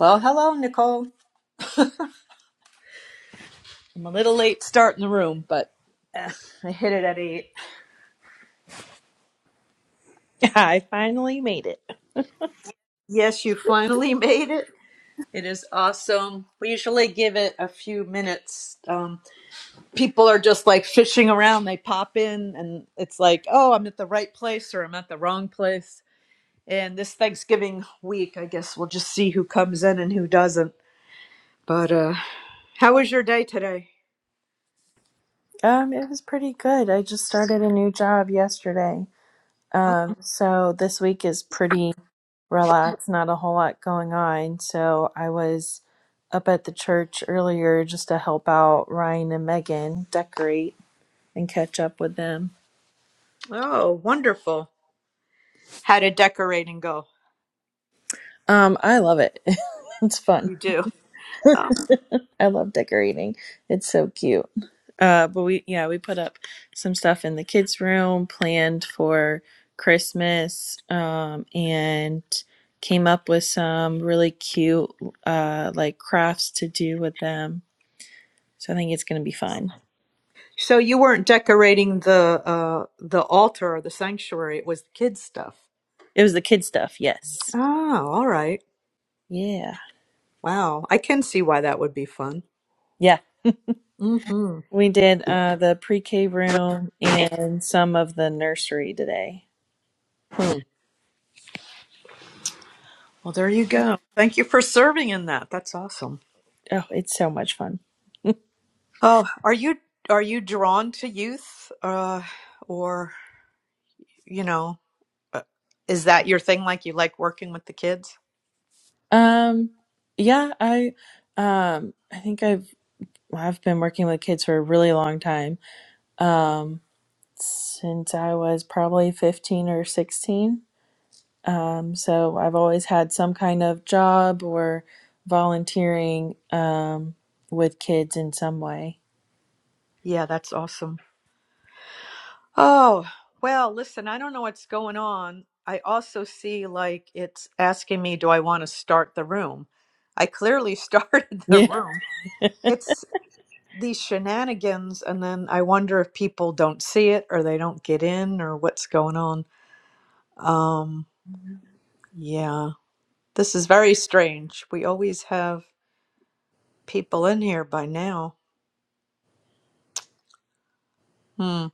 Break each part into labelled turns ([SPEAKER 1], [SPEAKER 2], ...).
[SPEAKER 1] Well, hello, Nicole. I'm a little late starting the room, but Uh, I hit it at eight.
[SPEAKER 2] I finally made it.
[SPEAKER 1] Yes, you finally made it. It is awesome. We usually give it a few minutes. Um, people are just like fishing around. They pop in, and it's like, oh, I'm at the right place or I'm at the wrong place. And this Thanksgiving week, I guess we'll just see who comes in and who doesn't. But uh, how was your day today?
[SPEAKER 2] Um, it was pretty good. I just started a new job yesterday.
[SPEAKER 1] oh,
[SPEAKER 2] Um, so this week is pretty relaxed, not a whole lot going on. So I was up at the church earlier just to help out Ryan and Megan decorate and catch up with them.
[SPEAKER 1] Oh, wonderful. How did decorating go?
[SPEAKER 2] Um, I love it. it's fun.
[SPEAKER 1] You do. Oh.
[SPEAKER 2] I love decorating. It's so cute. Uh, but we, yeah, we put up some stuff in the kids' room, planned for Christmas, um, and came up with some really cute, uh, like crafts to do with them. So I think it's gonna be fun.
[SPEAKER 1] So you weren't decorating the uh the altar or the sanctuary, it was the kids stuff.
[SPEAKER 2] It was the kid stuff, yes.
[SPEAKER 1] Oh, all right.
[SPEAKER 2] Yeah,
[SPEAKER 1] Wow. I can see why that would be fun.
[SPEAKER 2] yeah.
[SPEAKER 1] Mm-hmm.
[SPEAKER 2] We did uh, the pre-K room and some of the nursery today.
[SPEAKER 1] Hmm. Well, there you go. Thank you for serving in that. That's awesome.
[SPEAKER 2] Oh, it's so much fun.
[SPEAKER 1] Oh, are you are you drawn to youth? Uh or you know. Uh, Is that your thing? Like you like working with the kids?
[SPEAKER 2] Um, yeah, I, um, I think I've well, I've been working with kids for a really long time. Um, since I was probably 15 or 16. Um, so I've always had some kind of job or volunteering, um, with kids in some way.
[SPEAKER 1] Yeah, that's awesome. Oh, well, listen, I don't know what's going on. I also see like it's asking me, do I want to start the room? I clearly started the
[SPEAKER 2] Yeah.
[SPEAKER 1] room. It's these shenanigans, and then I wonder if people don't see it or they don't get in or what's going on. Um, yeah, this is very strange. We always have people in here by now. Hmm.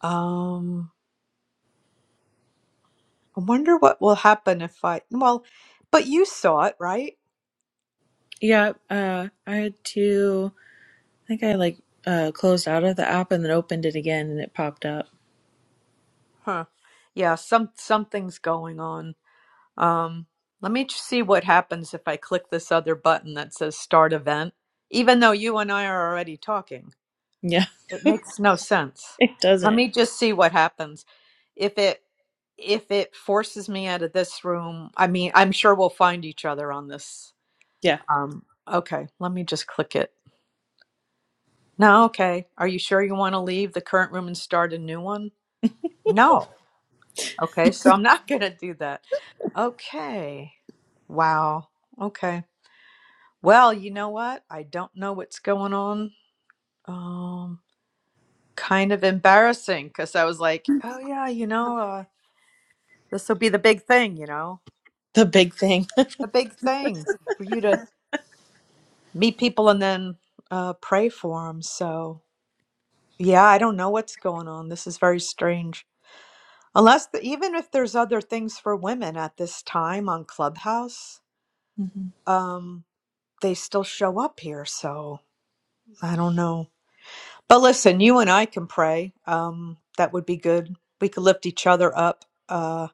[SPEAKER 1] Um, I wonder what will happen if I, well, but you saw it, right?
[SPEAKER 2] Yeah. Uh, I had to, I think I like, uh, closed out of the app and then opened it again and it popped up.
[SPEAKER 1] Huh. Yeah, some something's going on. Um, let me just see what happens if I click this other button that says start event, even though you and I are already talking.
[SPEAKER 2] Yeah.
[SPEAKER 1] It makes no sense.
[SPEAKER 2] It
[SPEAKER 1] Let
[SPEAKER 2] doesn't.
[SPEAKER 1] me just see what happens. If it if it forces me out of this room, I mean, I'm sure we'll find each other on this.
[SPEAKER 2] Yeah.
[SPEAKER 1] Um, okay, let me just click it. No, okay. Are you sure you want to leave the current room and start a new one? No. Okay, so I'm not going to do that. Okay. Wow. Okay. Well, you know what? I don't know what's going on. Um, kind of embarrassing because I was like, oh, yeah, you know, uh, this will be the big thing, you know,
[SPEAKER 2] The big thing.
[SPEAKER 1] the big thing for you to meet people and then uh, pray for them. So, yeah, I don't know what's going on. This is very strange. Unless the, even if there's other things for women at this time on Clubhouse, um, they still show up here. So I don't know. But listen, you and I can pray. Um, that would be good. We could lift each other up. Uh,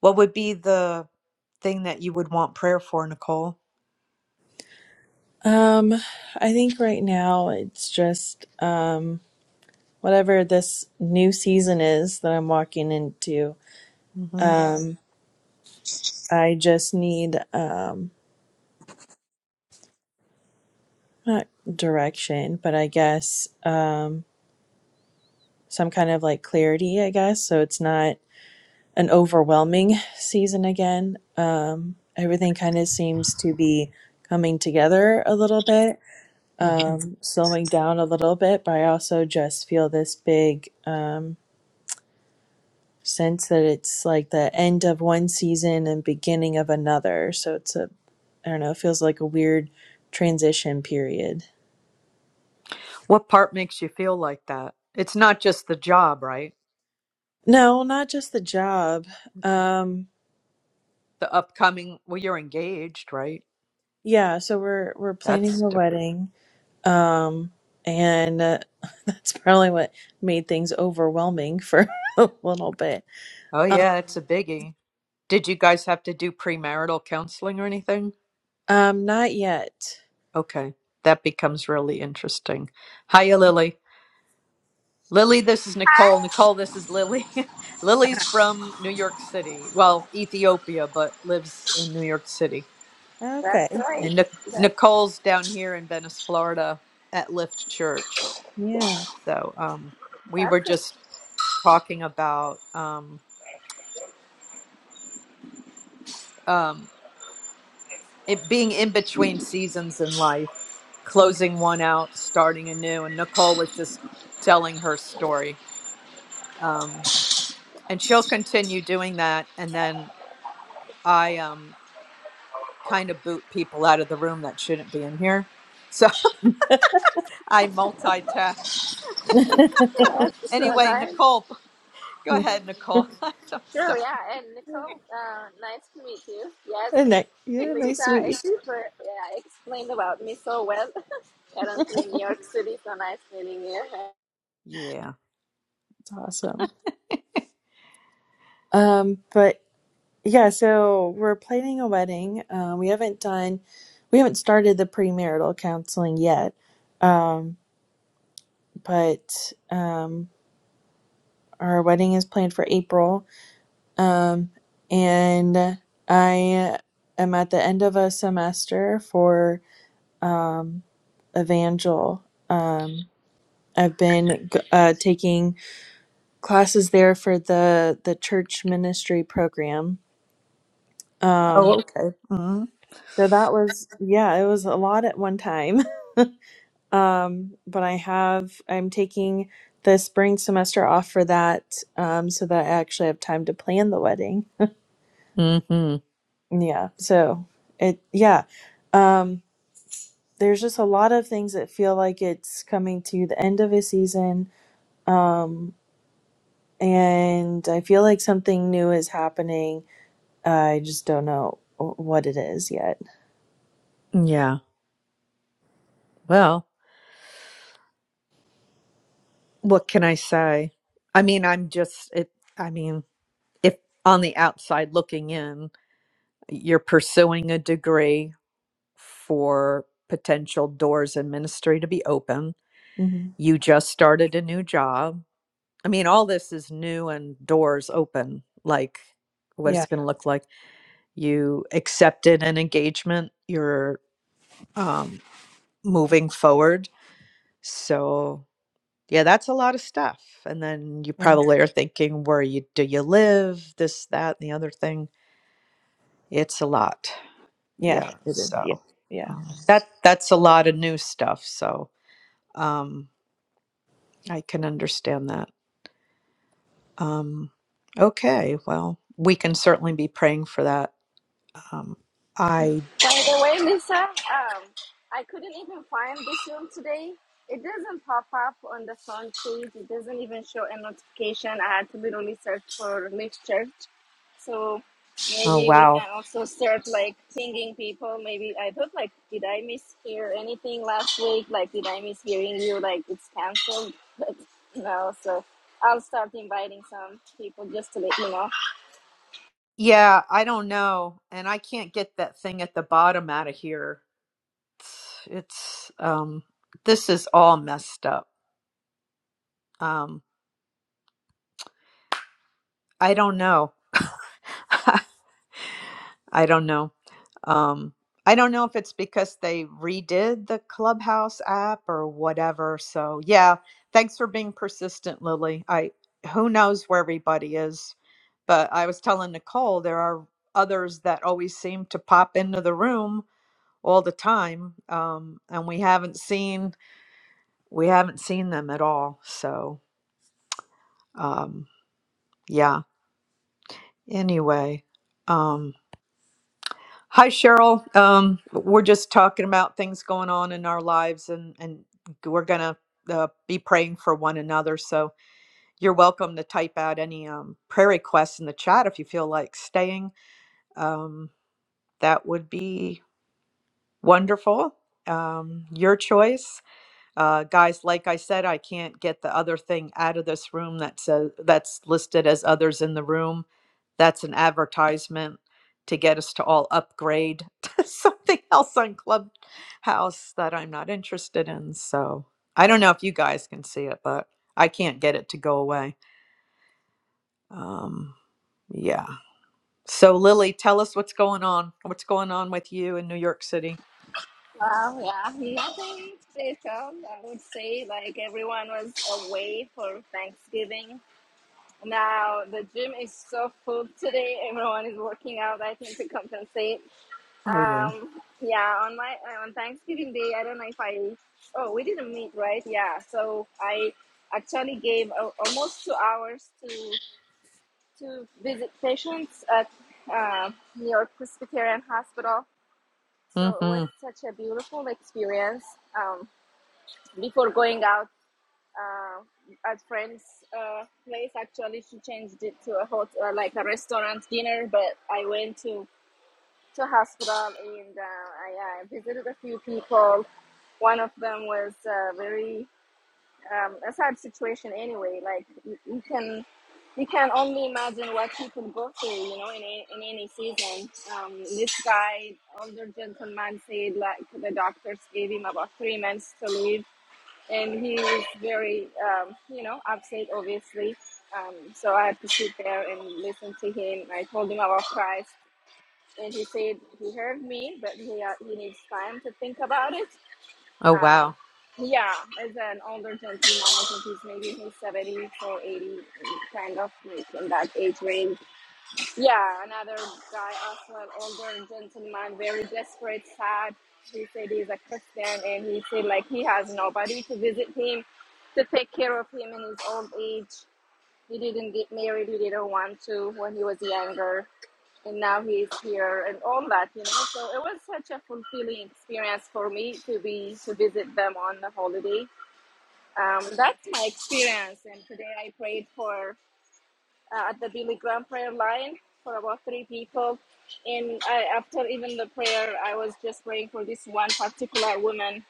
[SPEAKER 1] what would be the thing that you would want prayer for, Nicole?
[SPEAKER 2] Um, I think right now it's just um whatever this new season is that I'm walking into.
[SPEAKER 1] hmm
[SPEAKER 2] Um, I just need um not direction, but I guess um some kind of like clarity, I guess, so it's not an overwhelming season again. Um, everything kind of seems to be coming together a little bit,
[SPEAKER 1] hmm
[SPEAKER 2] um, slowing down a little bit, but I also just feel this big um sense that it's like the end of one season and beginning of another. So it's a, I don't know, it feels like a weird transition period.
[SPEAKER 1] What part makes you feel like that? It's not just the job, right?
[SPEAKER 2] No, not just the job.
[SPEAKER 1] Okay.
[SPEAKER 2] Um,
[SPEAKER 1] The upcoming, well, you're engaged, right?
[SPEAKER 2] yeah, so we're we're planning
[SPEAKER 1] That's
[SPEAKER 2] the
[SPEAKER 1] different.
[SPEAKER 2] wedding, um, and uh, that's probably what made things overwhelming for a little bit.
[SPEAKER 1] Oh,
[SPEAKER 2] Um,
[SPEAKER 1] yeah, it's a biggie. Did you guys have to do premarital counseling or anything?
[SPEAKER 2] um, not yet.
[SPEAKER 1] Okay, that becomes really interesting. Hiya, Lily. Lily, this is Nicole. Nicole, this is Lily. Lily's from New York City. Well, Ethiopia, but lives in New York City.
[SPEAKER 3] That's
[SPEAKER 2] Okay.
[SPEAKER 3] right.
[SPEAKER 1] And Nic-
[SPEAKER 3] That's,
[SPEAKER 1] Nicole's down here in Venice, Florida at Lift Church.
[SPEAKER 2] Yeah.
[SPEAKER 1] So um, we were
[SPEAKER 3] that's it.
[SPEAKER 1] just talking about um, um, it being in between seasons in life, closing one out, starting anew. And Nicole was just telling her story. Um, and she'll continue doing that. And then I um, kind of boot people out of the room that shouldn't be in here. So I multitask.
[SPEAKER 3] Oh, That's so
[SPEAKER 1] Anyway,
[SPEAKER 3] nice.
[SPEAKER 1] Nicole, go
[SPEAKER 2] Yeah.
[SPEAKER 1] ahead, Nicole. I'm
[SPEAKER 3] Sure,
[SPEAKER 1] sorry.
[SPEAKER 3] yeah. And Nicole, uh, nice to meet you. Yes,
[SPEAKER 2] And I, yeah. Nice
[SPEAKER 3] Lisa
[SPEAKER 2] to meet you.
[SPEAKER 3] expert, yeah, explained about me so well. Currently in New York City, so nice meeting you.
[SPEAKER 1] Yeah.
[SPEAKER 2] It's awesome. Um, but Yeah, so we're planning a wedding. Um, we haven't done, we haven't started the premarital counseling yet, um, but um, our wedding is planned for April. Um, and I am at the end of a semester for um, Evangel. Um, I've been g- uh, taking classes there for the the church ministry program. Um,
[SPEAKER 1] Oh, okay.
[SPEAKER 2] so that was, yeah, it was a lot at one time. Um, but I have, I'm taking the spring semester off for that, um, so that I actually have time to plan the wedding.
[SPEAKER 1] Mm-hmm.
[SPEAKER 2] Yeah. So it, yeah. Um, there's just a lot of things that feel like it's coming to the end of a season. Um, and I feel like something new is happening. I just don't know what it is yet.
[SPEAKER 1] Yeah. Well, what can I say? I mean, I'm just it. I mean, if on the outside looking in, you're pursuing a degree for potential doors in ministry to be open.
[SPEAKER 2] hmm
[SPEAKER 1] You just started a new job. I mean, all this is new and doors open. Like, what
[SPEAKER 2] Yeah.
[SPEAKER 1] it's going to look like. You accepted an engagement, you're um, moving forward. So, yeah, that's a lot of stuff. And then you
[SPEAKER 2] Yeah.
[SPEAKER 1] probably are thinking, where you do you live? This, that, and the other thing. It's a lot.
[SPEAKER 2] Yeah.
[SPEAKER 1] yeah
[SPEAKER 2] It is. Yeah.
[SPEAKER 1] so
[SPEAKER 2] Yeah.
[SPEAKER 1] um, that that's a lot of new stuff so um, i can understand that um, okay well we can certainly be praying for that um, i
[SPEAKER 3] By the way, Lisa, um, I couldn't even find this room today. It doesn't pop up on the front page. It doesn't even show a notification. I had to literally search for Lift Church. So
[SPEAKER 1] oh
[SPEAKER 3] maybe we can
[SPEAKER 1] wow
[SPEAKER 3] also start like pinging people. Maybe I thought like, did I mishear anything last week? Like, did I miss hearing you? Like, it's canceled. But no, so I'll start inviting some people just to let you know.
[SPEAKER 1] yeah i don't know and i can't get that thing at the bottom out of here it's, it's um, this is all messed up um, i don't know I don't know. Um, I don't know if it's because they redid the Clubhouse app or whatever. So yeah, thanks for being persistent, Lily. I who knows where everybody is, but I was telling Nicole there are others that always seem to pop into the room all the time, um, and we haven't seen we haven't seen them at all. So um, yeah. Anyway. um, Hi, Cheryl. Um, we're just talking about things going on in our lives, and and we're gonna uh, be praying for one another. So you're welcome to type out any um, prayer requests in the chat if you feel like staying. Um, that would be wonderful. Um, your choice. Uh, guys, like I said, I can't get the other thing out of this room that says that's listed as others in the room. That's an advertisement to get us to all upgrade to something else on Clubhouse that I'm not interested in. So I don't know if you guys can see it, but I can't get it to go away. Um, yeah. So Lily, tell us what's going on. What's going on with you in New York City?
[SPEAKER 3] Wow! yeah, nothing special. I would say like everyone was away for Thanksgiving. Now the gym is so full today. Everyone is working out. I think to compensate.
[SPEAKER 1] Oh yeah.
[SPEAKER 3] Um, yeah, on my on Thanksgiving Day, I don't know if I. Oh, we didn't meet, right? Yeah. So I actually gave a, almost two hours to to visit patients at uh, New York Presbyterian Hospital. So it was
[SPEAKER 1] Mm-hmm.
[SPEAKER 3] such a beautiful experience. Um, before going out uh, at friend's uh, place. Actually, she changed it to a hotel, uh, like a restaurant dinner. But I went to to hospital and uh, I uh, visited a few people. One of them was uh, very um, a sad situation. Anyway, like you, you can. You can only imagine what people go through, you know, in, a- in any season. Um, this guy, older gentleman, said like the doctors gave him about three months to live, and he was very, um, you know, upset, obviously. Um, so I had to sit there and listen to him. I told him about Christ, and he said he heard me, but he, uh, he needs time to think about it.
[SPEAKER 1] Oh
[SPEAKER 3] Um,
[SPEAKER 1] wow.
[SPEAKER 3] yeah, as an older gentleman, I think he's maybe in his 70s or 80, kind of like in that age range yeah, another guy, also an older gentleman, very desperate, sad. He said he's a Christian and he said like he has nobody to visit him, to take care of him in his old age. He didn't get married, he didn't want to when he was younger. And now he's here and all that, you know. So it was such a fulfilling experience for me to be to visit them on the holiday. Um, that's my experience and today I prayed for uh, at the Billy Graham prayer line for about three people. And I, after even the prayer, I was just praying for this one particular woman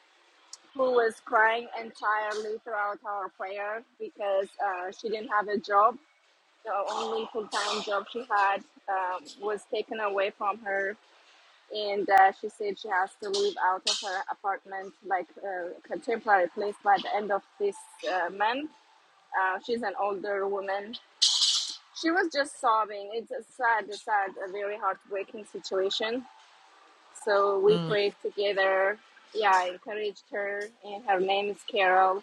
[SPEAKER 3] who was crying entirely throughout our prayer because uh, she didn't have a job. The only full time job she had um, was taken away from her. And uh, she said she has to move out of her apartment, like uh, a temporary place, by the end of this uh, month. Uh, she's an older woman, she was just sobbing. It's a sad, a sad, a very heartbreaking situation. So we
[SPEAKER 1] Mm.
[SPEAKER 3] prayed together. Yeah, I encouraged her, and her name is Carol.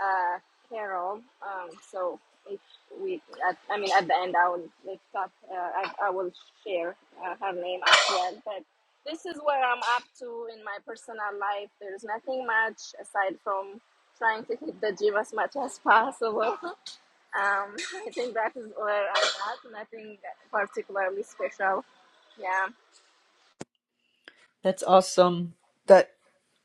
[SPEAKER 3] Uh, Carol. Um, so if we, at, I mean, at the end, I will mix up. Uh, I, I will share uh, her name as well. But this is where I'm up to in my personal life. There's nothing much aside from trying to hit the gym as much as possible. Um, I think that is where I'm at. Nothing particularly special. Yeah.
[SPEAKER 1] That's awesome. That.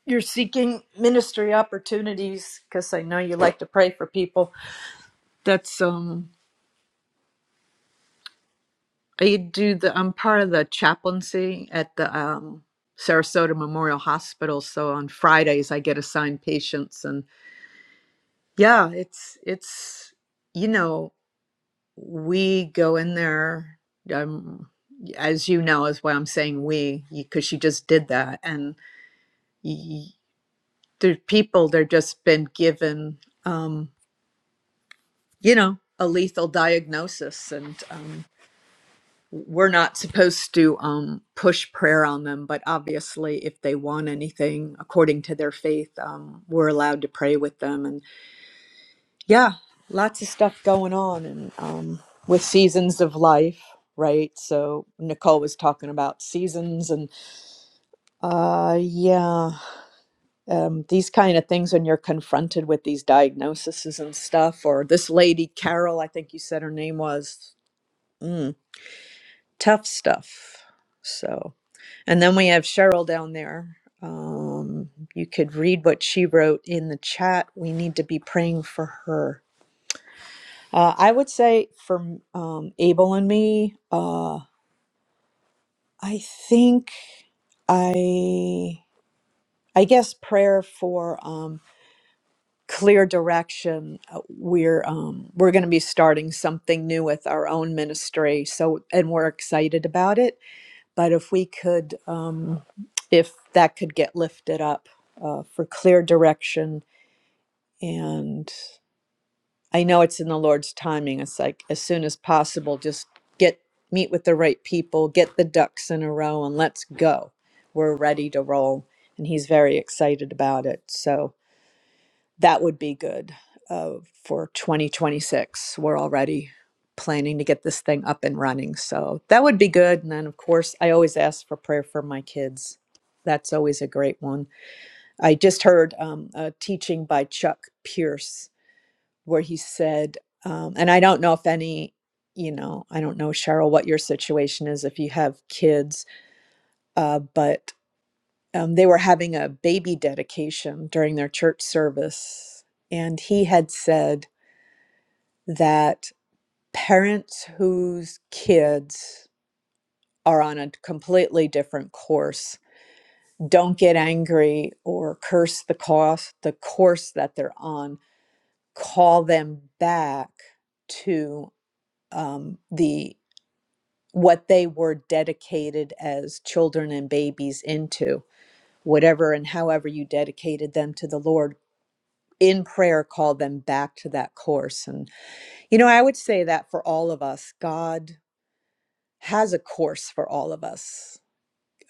[SPEAKER 1] You're seeking ministry opportunities because I know you like to pray for people. That's um, I do the I'm part of the chaplaincy at the um, Sarasota Memorial Hospital. So on Fridays I get assigned patients, and yeah, it's it's you know we go in there. Um, as you know, is why I'm saying we because she just did that, and y- y- the people they're just been given. Um, you know, a lethal diagnosis. And um, we're not supposed to um, push prayer on them, but obviously, if they want anything according to their faith, um, we're allowed to pray with them. And yeah, lots of stuff going on and um, with seasons of life. Right. So Nicole was talking about seasons and uh yeah, um these kind of things when you're confronted with these diagnoses and stuff or this lady Carol, I think you said her name was. mm, tough stuff. So, and then we have Cheryl down there. Um, you could read what she wrote in the chat. We need to be praying for her. Uh, I would say for um, Abel and me, uh, I think I, I guess prayer for um, clear direction. Uh, We're um, we're going to be starting something new with our own ministry, so and we're excited about it But if we could, um, if that could get lifted up uh, for clear direction, and I know it's in the Lord's timing. It's like as soon as possible, just get meet with the right people, get the ducks in a row, and let's go. We're ready to roll, and He's very excited about it. So that would be good uh, for 2026. We're already planning to get this thing up and running. So that would be good. And then, of course, I always ask for prayer for my kids. That's always a great one. I just heard um, a teaching by Chuck Pierce where he said, um, and I don't know if any, you know, I don't know, Cheryl, what your situation is if you have kids, uh, but um, they were having a baby dedication during their church service. And he had said, that parents whose kids are on a completely different course don't get angry or curse the course the course that they're on call them back to um, the what they were dedicated as children and babies into whatever and however you dedicated them to the lord in prayer call them back to that course and you know i would say that for all of us god has a course for all of us.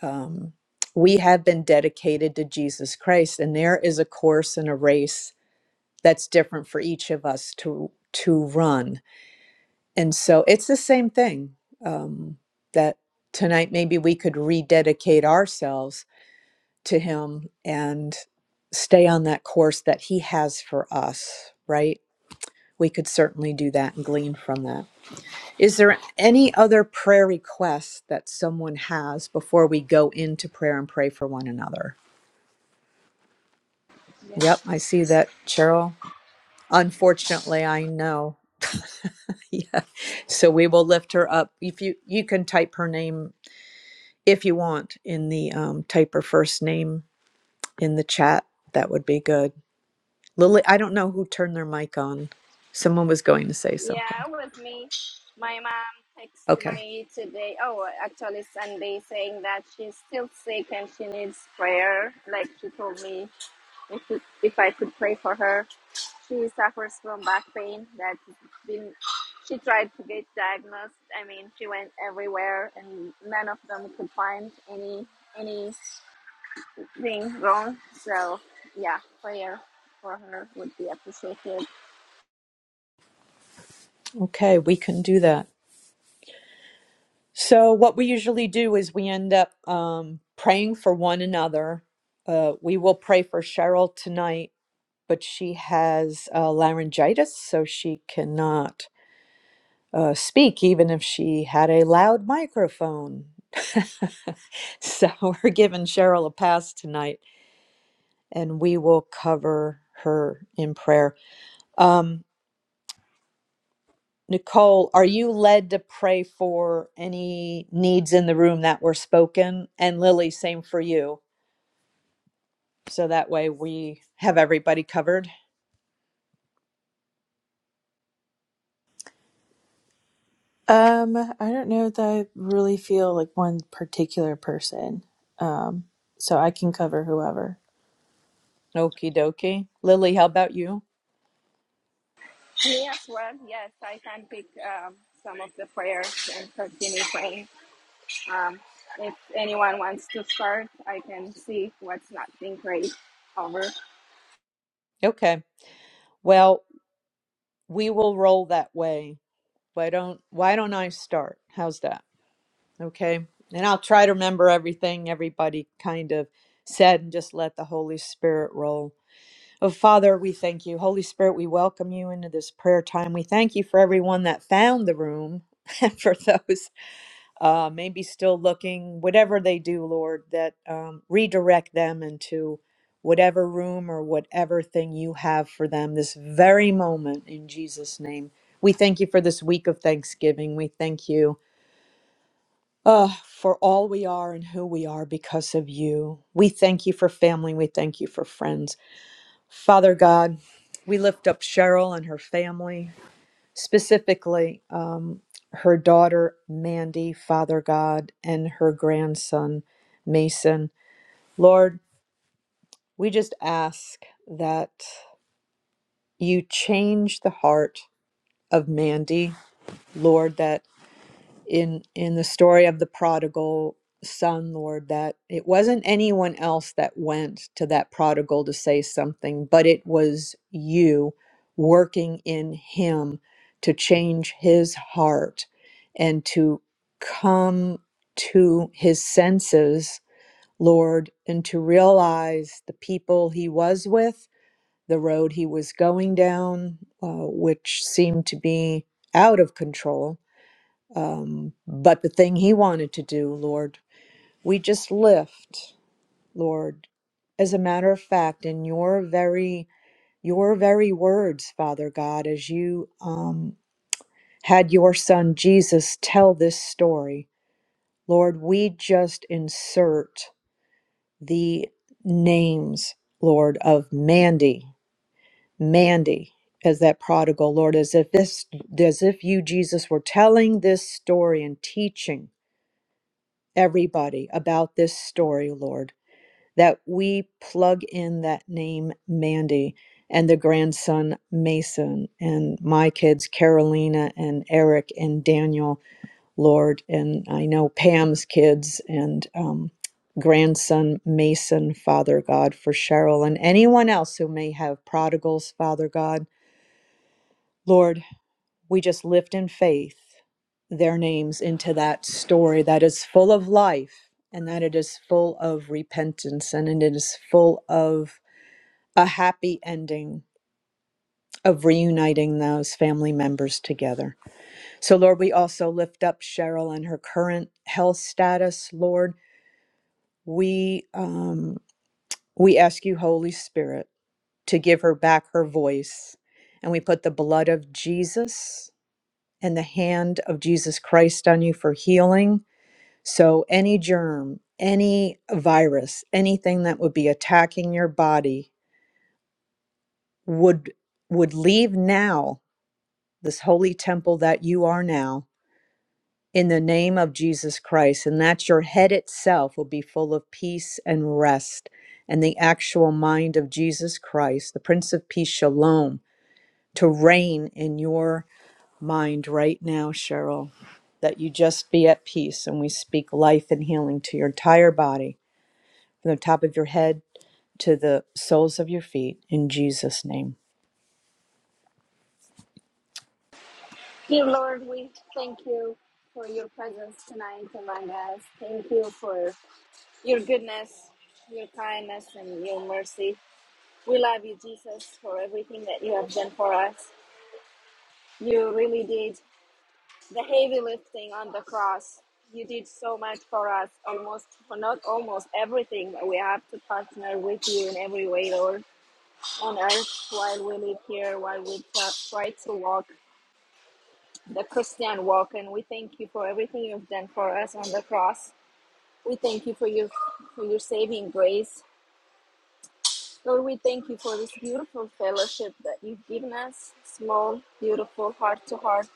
[SPEAKER 1] Um, we have been dedicated to Jesus Christ, and there is a course and a race that's different for each of us to to run. And so it's the same thing um, that tonight maybe we could rededicate ourselves to Him and stay on that course that He has for us. Right? We could certainly do that and glean from that. Is there any other prayer requests that someone has before we go into prayer and pray for one another? Yep, I see that, Cheryl. Unfortunately, I know. Yeah. So we will lift her up. If you you can type her name if you want in the um, type her first name in the chat, that would be good. Lily, I don't know who turned their mic on. Someone was going to say
[SPEAKER 3] Yeah,
[SPEAKER 1] something.
[SPEAKER 3] with me. My mom texted
[SPEAKER 1] Okay.
[SPEAKER 3] me today. Oh, actually Sunday, saying that she's still sick and she needs prayer. Like she told me if it, if I could pray for her. She suffers from back pain that's been. She tried to get diagnosed. I mean, she went everywhere and none of them could find any any. being wrong. So yeah, prayer for her would be appreciated.
[SPEAKER 1] Okay, we can do that. So, what we usually do is we end up um, praying for one another. Uh, we will pray for Cheryl tonight, but she has uh, laryngitis, so she cannot uh, speak, even if she had a loud microphone. so, we're giving Cheryl a pass tonight, and we will cover her in prayer. Um, Nicole, are you led to pray for any needs in the room that were spoken? And Lily, same for you So that way we have everybody covered.
[SPEAKER 2] Um, I don't know that I really feel like one particular person. Um, so I can cover whoever.
[SPEAKER 1] Okie dokie. Lily, how about you?
[SPEAKER 3] Me as well. Yes, I can pick um, some of the prayers and continue praying. Um, if anyone wants to start, I can see what's not being prayed over.
[SPEAKER 1] Okay. Well, we will roll that way. Why don't why don't I start? How's that? Okay. And I'll try to remember everything everybody kind of said and just let the Holy Spirit roll. Oh Father, we thank you. Holy Spirit, we welcome you into this prayer time. We thank you for everyone that found the room. and for those uh, maybe still looking, whatever they do, Lord, that um, redirect them into whatever room or whatever thing you have for them this very moment in Jesus' name. We thank you for this week of Thanksgiving. We thank you uh, for all we are and who we are because of you. We thank you for family. We thank you for friends. Father God, we lift up Cheryl and her family specifically um, her daughter Mandy, Father God, and her grandson Mason. Lord, we just ask that you change the heart of Mandy, Lord, That. in in the story of the prodigal son lord that it wasn't anyone else that went to that prodigal to say something but it was you working in him to change his heart and to come to his senses lord and to realize the people he was with the road he was going down uh, which seemed to be out of control um, but the thing he wanted to do, Lord, we just lift, Lord, as a matter of fact, in your very your very words, Father God, as you um, had your son Jesus tell this story, Lord, we just insert the names, Lord, of Mandy, Mandy, as that prodigal, Lord, as if this, as if you, Jesus, were telling this story and teaching. everybody about this story, Lord, that we plug in that name Mandy and the grandson Mason and my kids Carolina and Eric and Daniel, Lord, and I know Pam's kids and um, grandson Mason, Father God, for Cheryl and anyone else who may have prodigals, Father God. Lord, we just lift in faith their names into that story that is full of life and that it is full of repentance and it is full of a happy ending of reuniting those family members together. So, Lord, we also lift up Cheryl and her current health status. Lord, we um, we ask you, Holy Spirit, to give her back her voice, and we put the blood of Jesus and the hand of Jesus Christ on you for healing. So, any germ, any virus, anything that would be attacking your body would would leave now this holy temple that you are now in the name of Jesus Christ and that your head itself will be full of peace and rest and the actual mind of Jesus Christ the prince of peace shalom to reign in your mind right now, Cheryl, that you just be at peace. And we speak life and healing to your entire body, from the top of your head to the soles of your feet, in Jesus' name.
[SPEAKER 3] Dear Lord, we thank you for your presence tonight among us. Thank you for your goodness, your kindness, and your mercy. We love you, Jesus, for everything that you have done for us. You really did. the heavy lifting on the cross. You did so much for us, almost, not almost everything. We have to partner with you in every way, Lord, on earth while we live here, while we t- try to walk the Christian walk. And we thank you for everything you've done for us on the cross. We thank you for your, for your saving grace. Lord, we thank you for this beautiful fellowship that you've given us, small, beautiful, heart to heart.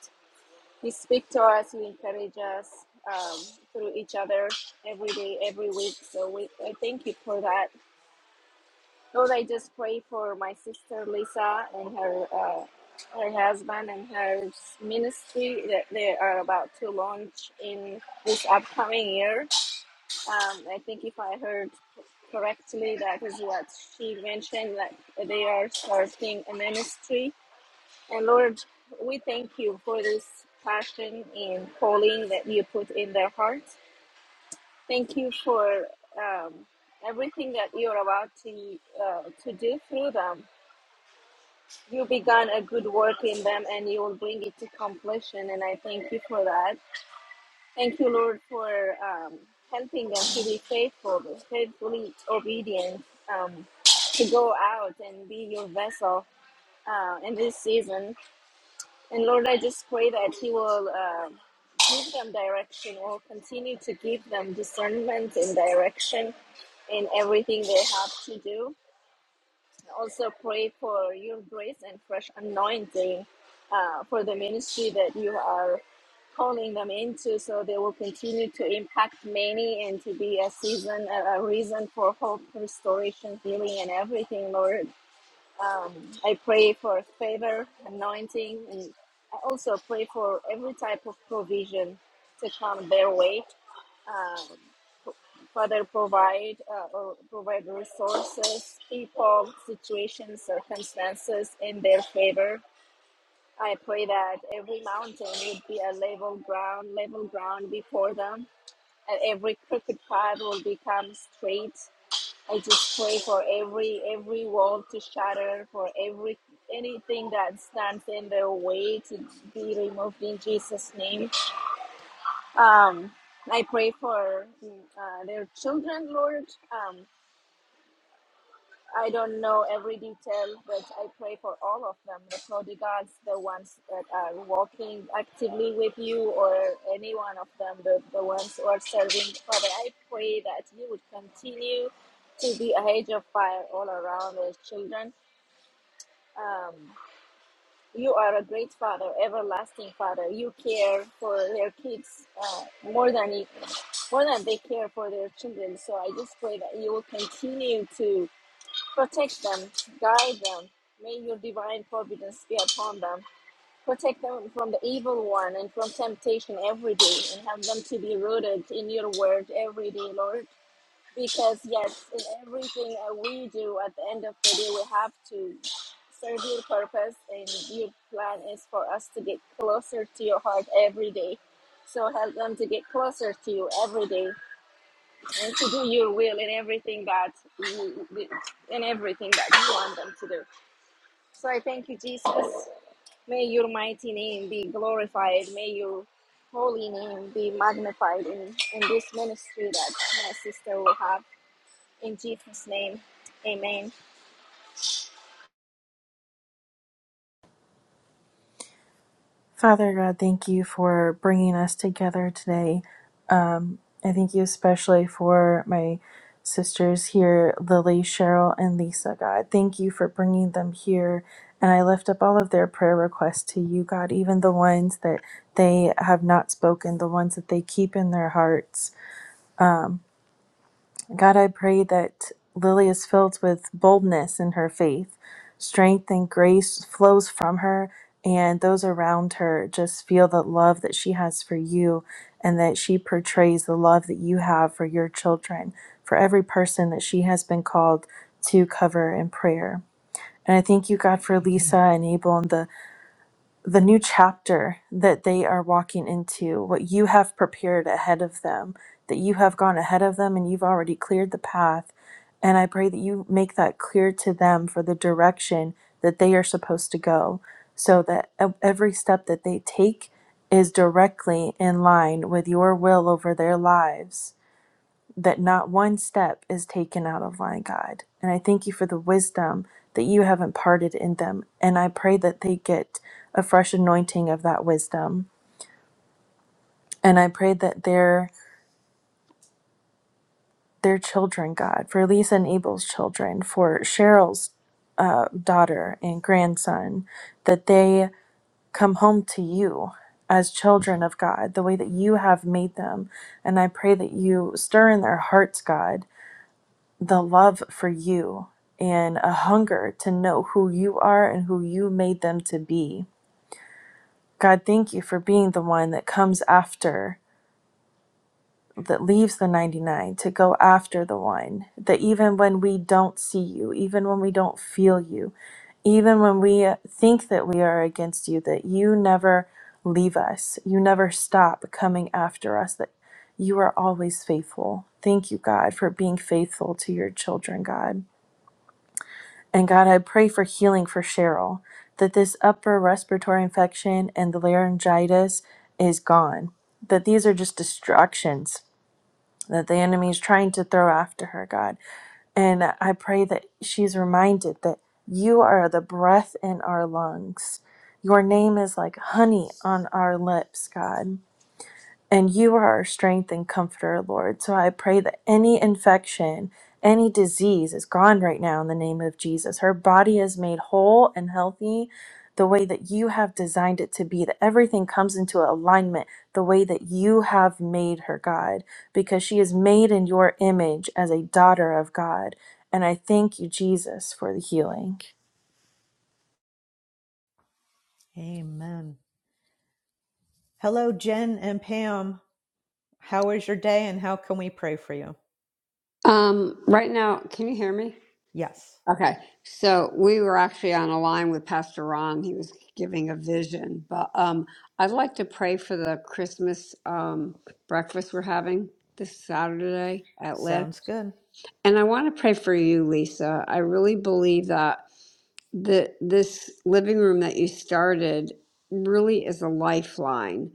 [SPEAKER 3] He speaks to us, He encourages us um, through each other every day, every week. So we, I thank you for that. Lord, I just pray for my sister Lisa and her uh, her husband and her ministry that they are about to launch in this upcoming year. Um, I think if I heard correctly, that is what she mentioned that they are starting a ministry and Lord, we thank you for this passion and calling that you put in their hearts. Thank you for um, everything that you're about to uh, to do through them. You began a good work in them, and you will bring it to completion. And I thank you for that. Thank you, Lord, for um, helping them to be faithful, faithfully obedient, um, to go out and be your vessel uh, in this season. And Lord, I just pray that He will uh, give them direction, will continue to give them discernment and direction in everything they have to do. I Also, pray for your grace and fresh anointing uh, for the ministry that you are calling them into, so they will continue to impact many and to be a season, a a reason for hope, restoration, healing, and everything, Lord. Um, I pray for favor, anointing, and I also pray for every type of provision to come their way. Uh, Father, provide uh, or provide resources, people, situations, circumstances in their favor. I pray that every mountain would be a level ground, level ground before them, and every crooked path will become straight. I just pray for every every wall to shatter, for every anything that stands in their way to be removed in Jesus' name. Um, I pray for uh, their children, Lord. Um, I don't know every detail, but I pray for all of them the prodigals, the ones that are walking actively with you, or any one of them, the, the ones who are serving. Father, I pray that you would continue to be a hedge of fire all around those children. Um, you are a great father, everlasting father. You care for their kids uh, more than you, more than they care for their children. So I just pray that you will continue to Protect them, guide them. May your divine providence be upon them. Protect them from the evil one and from temptation every day, and have them to be rooted in your word every day, Lord. Because, yes, in everything that we do at the end of the day, we have to serve your purpose, and your plan is for us to get closer to your heart every day. So help them to get closer to you every day and to do your will in everything that you, in everything that you want them to do. So I thank you, Jesus. May your mighty name be glorified. May your holy name be magnified in, in this ministry that my sister will have. In Jesus' name, amen.
[SPEAKER 2] Father God, thank you for bringing us together today. Um, I thank you especially for my sisters here, Lily, Cheryl, and Lisa, God. Thank you for bringing them here. And I lift up all of their prayer requests to you, God, even the ones that they have not spoken, the ones that they keep in their hearts. God, I pray that Lily is filled with boldness in her faith. Strength and grace flows from her, and those around her just feel the love that she has for you and that she portrays the love that you have for your children, for every person that she has been called to cover in prayer. And I thank you, God, for Lisa and Abel and the the new chapter that they are walking into, what you have prepared ahead of them, that you have gone ahead of them and you've already cleared the path. And I pray that you make that clear to them for the direction that they are supposed to go, so that ev- every step that they take is directly in line with your will over their lives that not one step is taken out of line, God. And I thank you for the wisdom that you have imparted in them. And I pray that they get a fresh anointing of that wisdom. And I pray that their their children, God, for Lisa and Abel's children, for Cheryl's daughter and grandson, that they come home to you as children of God, the way that you have made them. And I pray that you stir in their hearts, God, the love for you and a hunger to know who you are and who you made them to be. God, thank you for being the one that comes after, that leaves the 99 to go after the one, that even when we don't see you, even when we don't feel you, even when we think that we are against you, that you never leave us, you never stop coming after us, that you are always faithful. Thank you, God, for being faithful to your children, God. And God, I pray for healing for Cheryl, that this upper respiratory infection and the laryngitis is gone, that these are just distractions that the enemy is trying to throw after her, God. And I pray that she's reminded that you are the breath in our lungs. Your name is like honey on our lips, God. And you are our strength and comforter, Lord. So I pray that any infection, any disease is gone right now in the name of Jesus. Her body is made whole and healthy the way that you have designed it to be, that everything comes into alignment the way that you have made her, God, because she is made in your image as a daughter of God. And I thank you, Jesus, for the healing.
[SPEAKER 1] Amen. Hello, Jen and Pam. How is your day and how can we pray for you?
[SPEAKER 4] Um, right now, can you hear me?
[SPEAKER 1] Yes,
[SPEAKER 4] Okay. So we were actually on a line with Pastor Ron. He was giving a vision, but um, I'd like to pray for the Christmas um, breakfast we're having this Saturday at Live.
[SPEAKER 1] sounds good.
[SPEAKER 4] And I want to pray for you, Lisa. I really believe that the this living room that you started really is a lifeline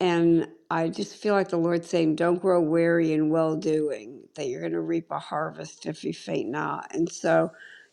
[SPEAKER 4] and i just feel like the lord's saying don't grow weary in well doing that you're going to reap a harvest if you faint not and so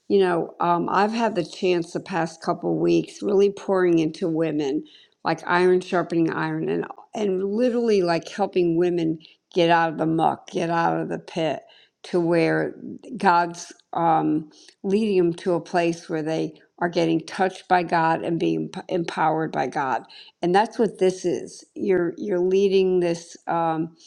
[SPEAKER 4] you know um, i've had the chance the past couple weeks really pouring into women like iron sharpening iron and and literally like helping women get out of the muck get out of the pit to where god's um, leading them to a place where they are getting touched by God and being p- empowered by God. And that's what this is. You're you're leading this um,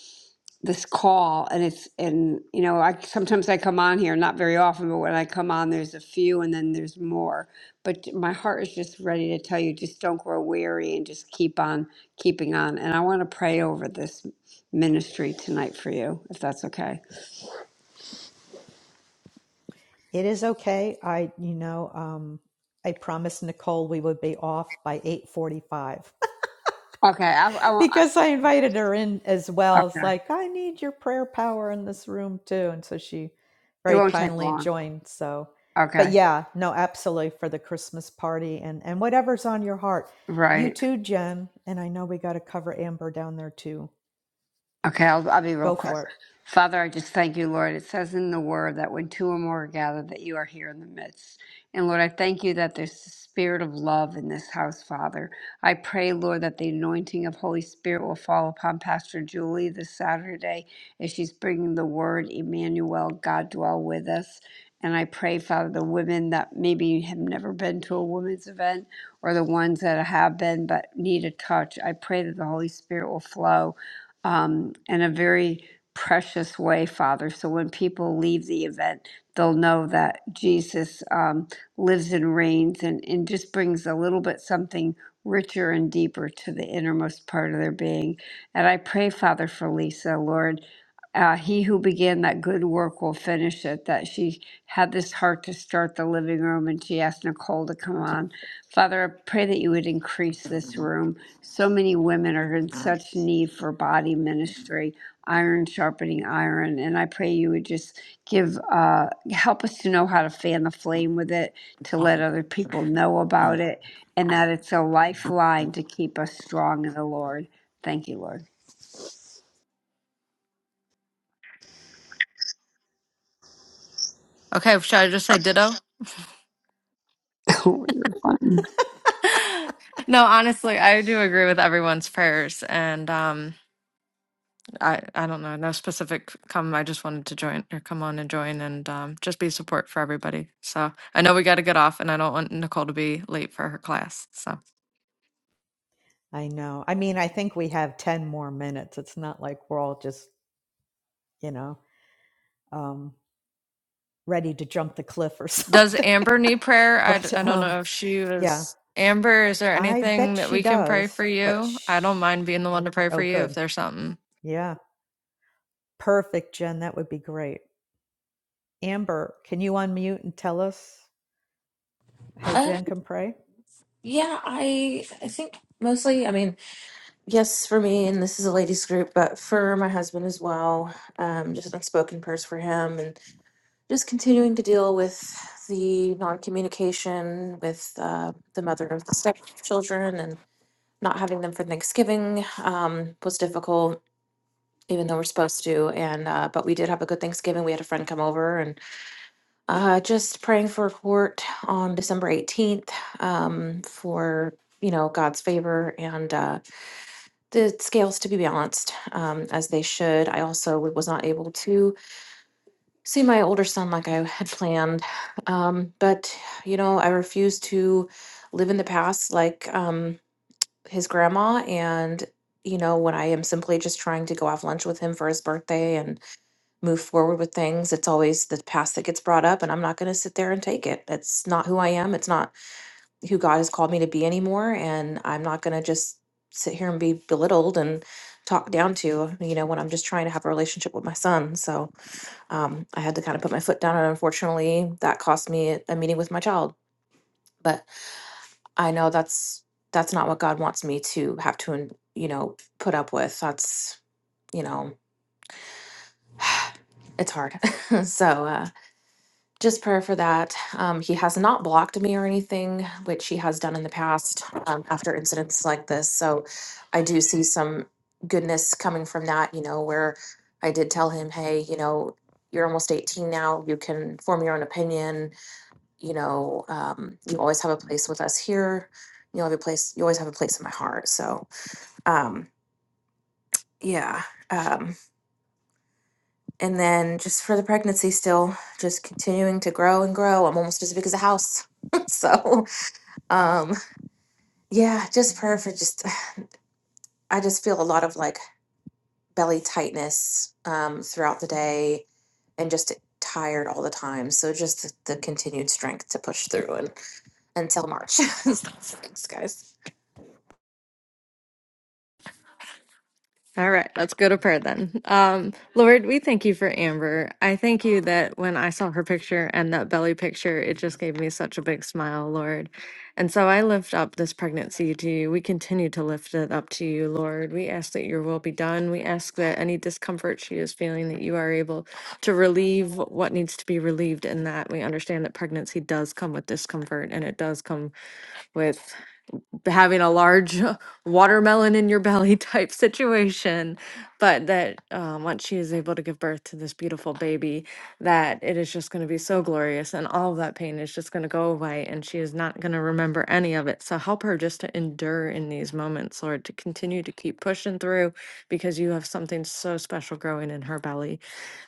[SPEAKER 4] this call, and it's and you know I sometimes I come on here, not very often, but when I come on, there's a few, and then there's more. But my heart is just ready to tell you, just don't grow weary, and just keep on keeping on. And I want to pray over this ministry tonight for you, if that's okay.
[SPEAKER 1] It is okay. I, you know, um, I promised Nicole we would be off by 8:45.
[SPEAKER 4] Okay, I, I, won't-
[SPEAKER 1] because
[SPEAKER 4] I
[SPEAKER 1] I invited her in as well. It's
[SPEAKER 4] okay.
[SPEAKER 1] like, I need your prayer power in this room too. And so she
[SPEAKER 4] It
[SPEAKER 1] very
[SPEAKER 4] won't take
[SPEAKER 1] kindly
[SPEAKER 4] long.
[SPEAKER 1] joined. So, but
[SPEAKER 4] Okay.
[SPEAKER 1] yeah, no, absolutely for the Christmas party and, and whatever's on your heart. You
[SPEAKER 4] Right.
[SPEAKER 1] too, Jen. And I know we got to cover Amber down there too.
[SPEAKER 4] Okay, I'll, I'll be real
[SPEAKER 1] Go
[SPEAKER 4] quick.
[SPEAKER 1] for it.
[SPEAKER 4] Father, I just thank you, Lord. It says in the word that when two or more are gathered, that you are here in the midst. And Lord, I thank you that there's the spirit of love in this house, Father. I pray, Lord, that the anointing of Holy Spirit will fall upon Pastor Julie this Saturday as she's bringing the word, Emmanuel, God dwell with us. And I pray, Father, the women that maybe have never been to a women's event or the ones that have been but need a touch, I pray that the Holy Spirit will flow um, in a very precious way, Father. So when people leave the event, they'll know that Jesus um, lives and reigns and, and just brings a little bit something richer and deeper to the innermost part of their being. And I pray, Father, for Lisa, Lord. Uh, he who began that good work will finish it. That she had this heart to start the living room and she asked Nicole to come on. Father, I pray that you would increase this room. So many women are in such need for body ministry, iron sharpening iron, and I pray you would just give, uh, help us to know how to fan the flame with it, to let other people know about it, and that it's a lifeline to keep us strong in the Lord. Thank you, Lord.
[SPEAKER 5] Okay, should I just say ditto?
[SPEAKER 4] you're fine.
[SPEAKER 5] No, honestly, I do agree with everyone's prayers, and um, I I don't know, no specific come. I just wanted to join or come on and join and um, just be support for everybody. So I know we got to get off, and I don't want Nicole to be late for her class. So
[SPEAKER 1] I know. I mean, I think we have 10 more minutes. It's not like we're all just, you know, um, ready to jump the cliff or
[SPEAKER 5] does
[SPEAKER 1] something.
[SPEAKER 5] Amber need prayer? I d-
[SPEAKER 1] but
[SPEAKER 5] I don't
[SPEAKER 1] um,
[SPEAKER 5] know if she
[SPEAKER 1] yeah,
[SPEAKER 5] was Amber. Is there
[SPEAKER 1] I
[SPEAKER 5] anything
[SPEAKER 1] bet
[SPEAKER 5] that
[SPEAKER 1] she
[SPEAKER 5] we can pray
[SPEAKER 1] does,
[SPEAKER 5] for
[SPEAKER 1] but
[SPEAKER 5] you? I don't
[SPEAKER 1] sh-
[SPEAKER 5] mind being the one to pray for
[SPEAKER 1] oh,
[SPEAKER 5] you if
[SPEAKER 1] good.
[SPEAKER 5] there's something.
[SPEAKER 1] Yeah. Perfect, Jen. That would be great. Amber, can you unmute and tell us how
[SPEAKER 6] Uh,
[SPEAKER 1] Jen can pray?
[SPEAKER 6] yeah, I I think mostly, I mean, yes, for me, and this is a ladies' group, but for my husband as well, um, just unspoken prayers for him, and just continuing to deal with the non-communication with uh, the mother of the stepchildren and not having them for Thanksgiving um, was difficult, even though we're supposed to. And uh, but we did have a good Thanksgiving. We had a friend come over, and. Uh, just praying for court on December 18th um, for, you know, God's favor and uh, the scales to be balanced um, as they should. I also w- was not able to see my older son like I had planned. Um, but, you know, I refuse to live in the past like um, his grandma. And, you know, when I am simply just trying to go have lunch with him for his birthday and move forward with things. It's always the past that gets brought up, and I'm not going to sit there and take it. That's not who I am. It's not who God has called me to be anymore. And I'm not going to just sit here and be belittled and talked down to, you know, when I'm just trying to have a relationship with my son. So um, I had to kind of put my foot down. And unfortunately, that cost me a meeting with my child. But I know that's that's not what God wants me to have to, you know, put up with. That's, you know, it's hard. so, uh, just prayer for that. Um, he has not blocked me or anything, which he has done in the past um, after incidents like this. So I do see some goodness coming from that, you know, where I did tell him, hey, you know, you're almost 18 now. You can form your own opinion. You know, um, you always have a place with us here. You have a place. You always have a place in my heart. So, um, yeah. Um, And then just for the pregnancy, still just continuing to grow and grow. I'm almost as big as a house. so, um, yeah, just prayer for just, I just feel a lot of like belly tightness um, throughout the day and just tired all the time. So, just the, the continued strength to push through. and. until March. Thanks, guys.
[SPEAKER 5] All right, let's go to prayer then. Um, Lord, we thank you for Amber. I thank you that when I saw her picture and that belly picture, it just gave me such a big smile, Lord. And so I lift up this pregnancy to you. We continue to lift it up to you, Lord. We ask that your will be done. We ask that any discomfort she is feeling, that you are able to relieve what needs to be relieved in that. We understand that pregnancy does come with discomfort and it does come with having a large watermelon in your belly type situation but that um, once she is able to give birth to this beautiful baby that it is just going to be so glorious and all of that pain is just going to go away and she is not going to remember any of it so help her just to endure in these moments lord to continue to keep pushing through because you have something so special growing in her belly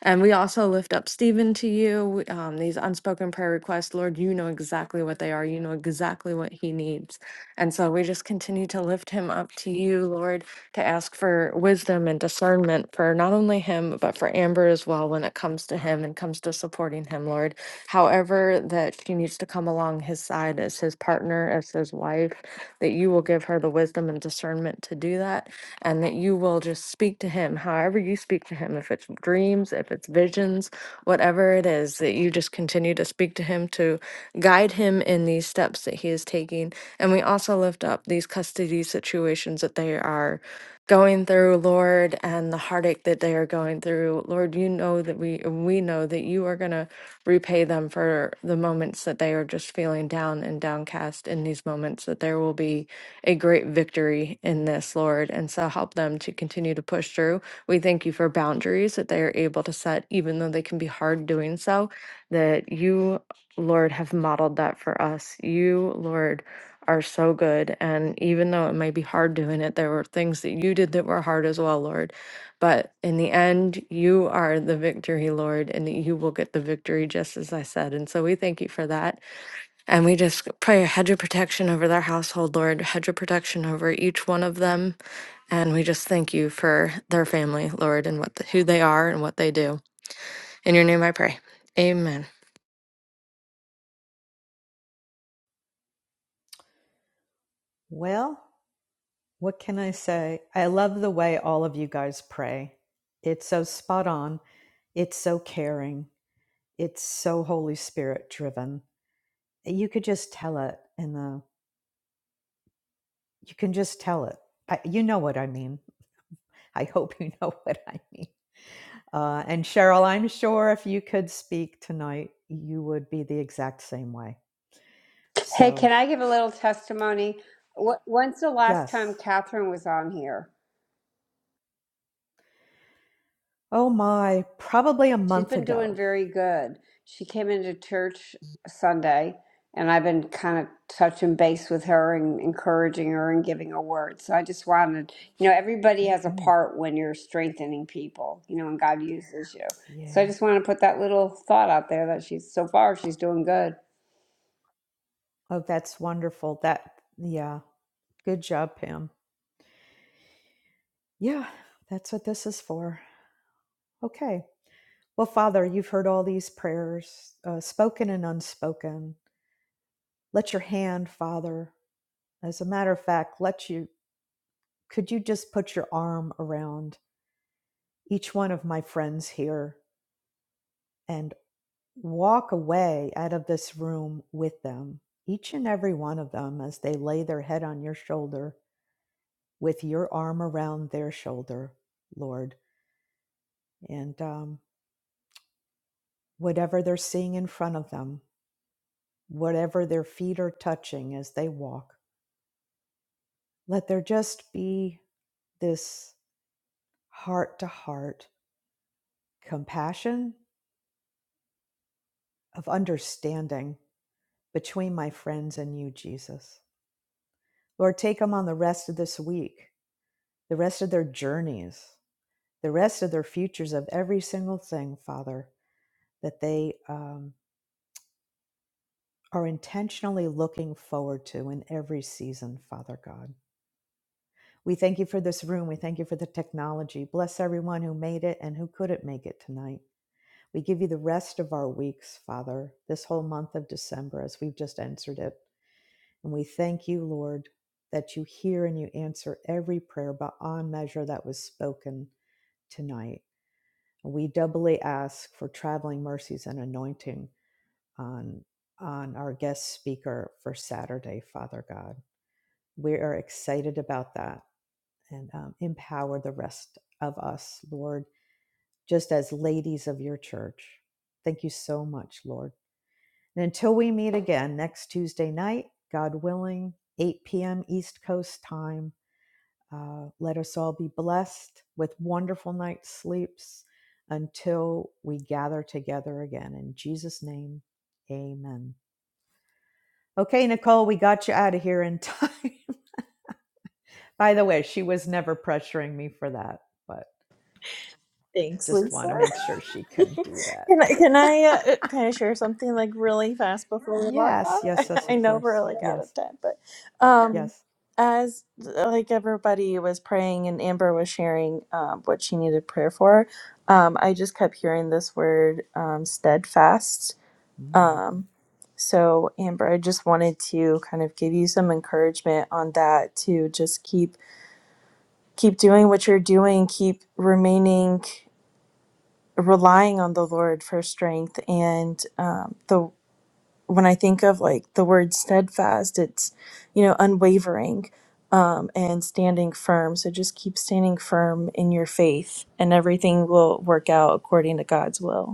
[SPEAKER 5] and we also lift up stephen to you um, these unspoken prayer requests lord you know exactly what they are you know exactly what he needs and so we just continue to lift him up to you, Lord, to ask for wisdom and discernment for not only him, but for Amber as well when it comes to him and comes to supporting him, Lord. However, that she needs to come along his side as his partner, as his wife, that you will give her the wisdom and discernment to do that, and that you will just speak to him however you speak to him, if it's dreams, if it's visions visions, whatever it is, that you just continue to speak to him to guide him in these steps that he is taking. And we also lift up these custody situations that they are going through, Lord, and the heartache that they are going through. Lord, you know that we we know that you are going to repay them for the moments that they are just feeling down and downcast in these moments that there will be a great victory in this, Lord. And so help them to continue to push through we thank you for boundaries that they are able to set, even though they can be hard doing so, that you, Lord, have modeled that for us. You, Lord, are so good. And even though it may be hard doing it, there were things that you did that were hard as well, Lord. But in the end, you are the victory, Lord, and you will get the victory, just as I said. And so we thank you for that. And we just pray a hedge of protection over their household, Lord, hedge of protection over each one of them and we just thank you for their family, Lord, and what the, who they are and what they do. In your name I pray. Amen.
[SPEAKER 1] Well, what can I say? I love the way all of you guys pray. It's so spot on. It's so caring. It's so Holy Spirit driven. You could just tell it in the, you can just tell it. I, you know what I mean. I hope you know what I mean. Uh, and Cheryl, I'm sure if you could speak tonight, you would be the exact same way.
[SPEAKER 4] Hey, can
[SPEAKER 1] So,
[SPEAKER 4] I give a little testimony? Wh- When's the last
[SPEAKER 1] yes.
[SPEAKER 4] time Catherine was on here?
[SPEAKER 1] Oh my, probably a
[SPEAKER 4] She's
[SPEAKER 1] month
[SPEAKER 4] been doing
[SPEAKER 1] ago.
[SPEAKER 4] very good. She came into church Sunday, and I've been kind of touching base with her and encouraging her and giving her words. So I just wanted, you know, everybody has a
[SPEAKER 1] hmm
[SPEAKER 4] part when you're strengthening people, you know, and God uses you. So I
[SPEAKER 1] Yeah.
[SPEAKER 4] just want to put that little thought out there that she's so far she's doing good.
[SPEAKER 1] Oh, that's wonderful. That, yeah. Good job, Pam. Yeah, that's what this is for. Okay. Well, Father, you've heard all these prayers, uh, spoken and unspoken. Let your hand, Father, as a matter of fact, let you, could you just put your arm around each one of my friends here and walk away out of this room with them, each and every one of them, as they lay their head on your shoulder with your arm around their shoulder, Lord. And um, whatever they're seeing in front of them, whatever their feet are touching as they walk, let there just be this heart to heart compassion of understanding between my friends and you, Jesus. Lord, take them on the rest of this week the rest of their journeys, the rest of their futures of every single thing, Father, that they um, are intentionally looking forward to in every season, Father God. We thank you for this room. We thank you for the technology. Bless everyone who made it and who couldn't make it tonight. We give you the rest of our weeks, Father, this whole month of December as we've just entered it. And we thank you, Lord, that you hear and you answer every prayer beyond measure that was spoken tonight. We doubly ask for traveling mercies and anointing on, on our guest speaker for Saturday, Father God. We are excited about that and um, empower the rest of us, Lord, just as ladies of your church. Thank you so much, Lord. And until we meet again next Tuesday night, God willing, 8 p.m. East Coast time. Uh, let us all be blessed with wonderful night's sleeps until we gather together again. In Jesus' name, amen. Okay, Nicole, we got you out of here in time. By the way, she was never pressuring me for that, but
[SPEAKER 2] Thanks,
[SPEAKER 1] just want to
[SPEAKER 2] Lisa.
[SPEAKER 1] make sure she couldn't do
[SPEAKER 2] Can I can I
[SPEAKER 1] that.
[SPEAKER 2] uh, uh, can I share something like really fast before we log
[SPEAKER 1] yes,
[SPEAKER 2] off?
[SPEAKER 1] yes, yes,
[SPEAKER 2] I
[SPEAKER 1] of
[SPEAKER 2] know
[SPEAKER 1] course.
[SPEAKER 2] we're like out of
[SPEAKER 1] Yes,
[SPEAKER 2] time, but um,
[SPEAKER 1] yes.
[SPEAKER 2] as like everybody was praying and Amber was sharing um, what she needed prayer for, um, I just kept hearing this word um, steadfast.
[SPEAKER 1] Mm,
[SPEAKER 2] Um, so Amber, I just wanted to kind of give you some encouragement on that to just keep keep doing what you're doing, keep remaining relying on the Lord for strength. And um, the when I think of like the word steadfast, it's you know unwavering um, and standing firm. So just keep standing firm in your faith, and everything will work out according to God's will.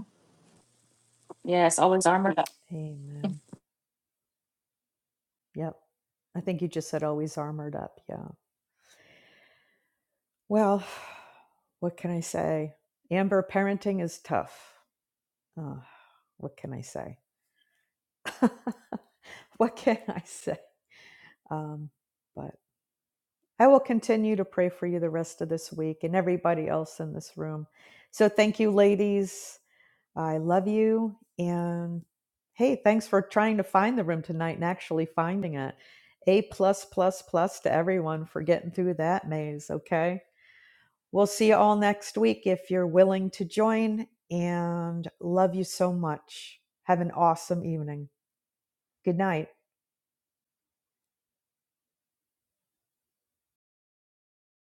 [SPEAKER 6] Yes, always armored up.
[SPEAKER 1] amen. Yep. I think you just said always armored up. Yeah. Well, what can I say? Amber, parenting is tough. Uh, what can I say? what can I say? Um, but I will continue to pray for you the rest of this week and everybody else in this room. So thank you, ladies. I love you. And hey, thanks for trying to find the room tonight and actually finding it. A plus plus plus to everyone for getting through that maze. Okay. We'll see you all next week if you're willing to join and love you so much. Have an awesome evening. Good night.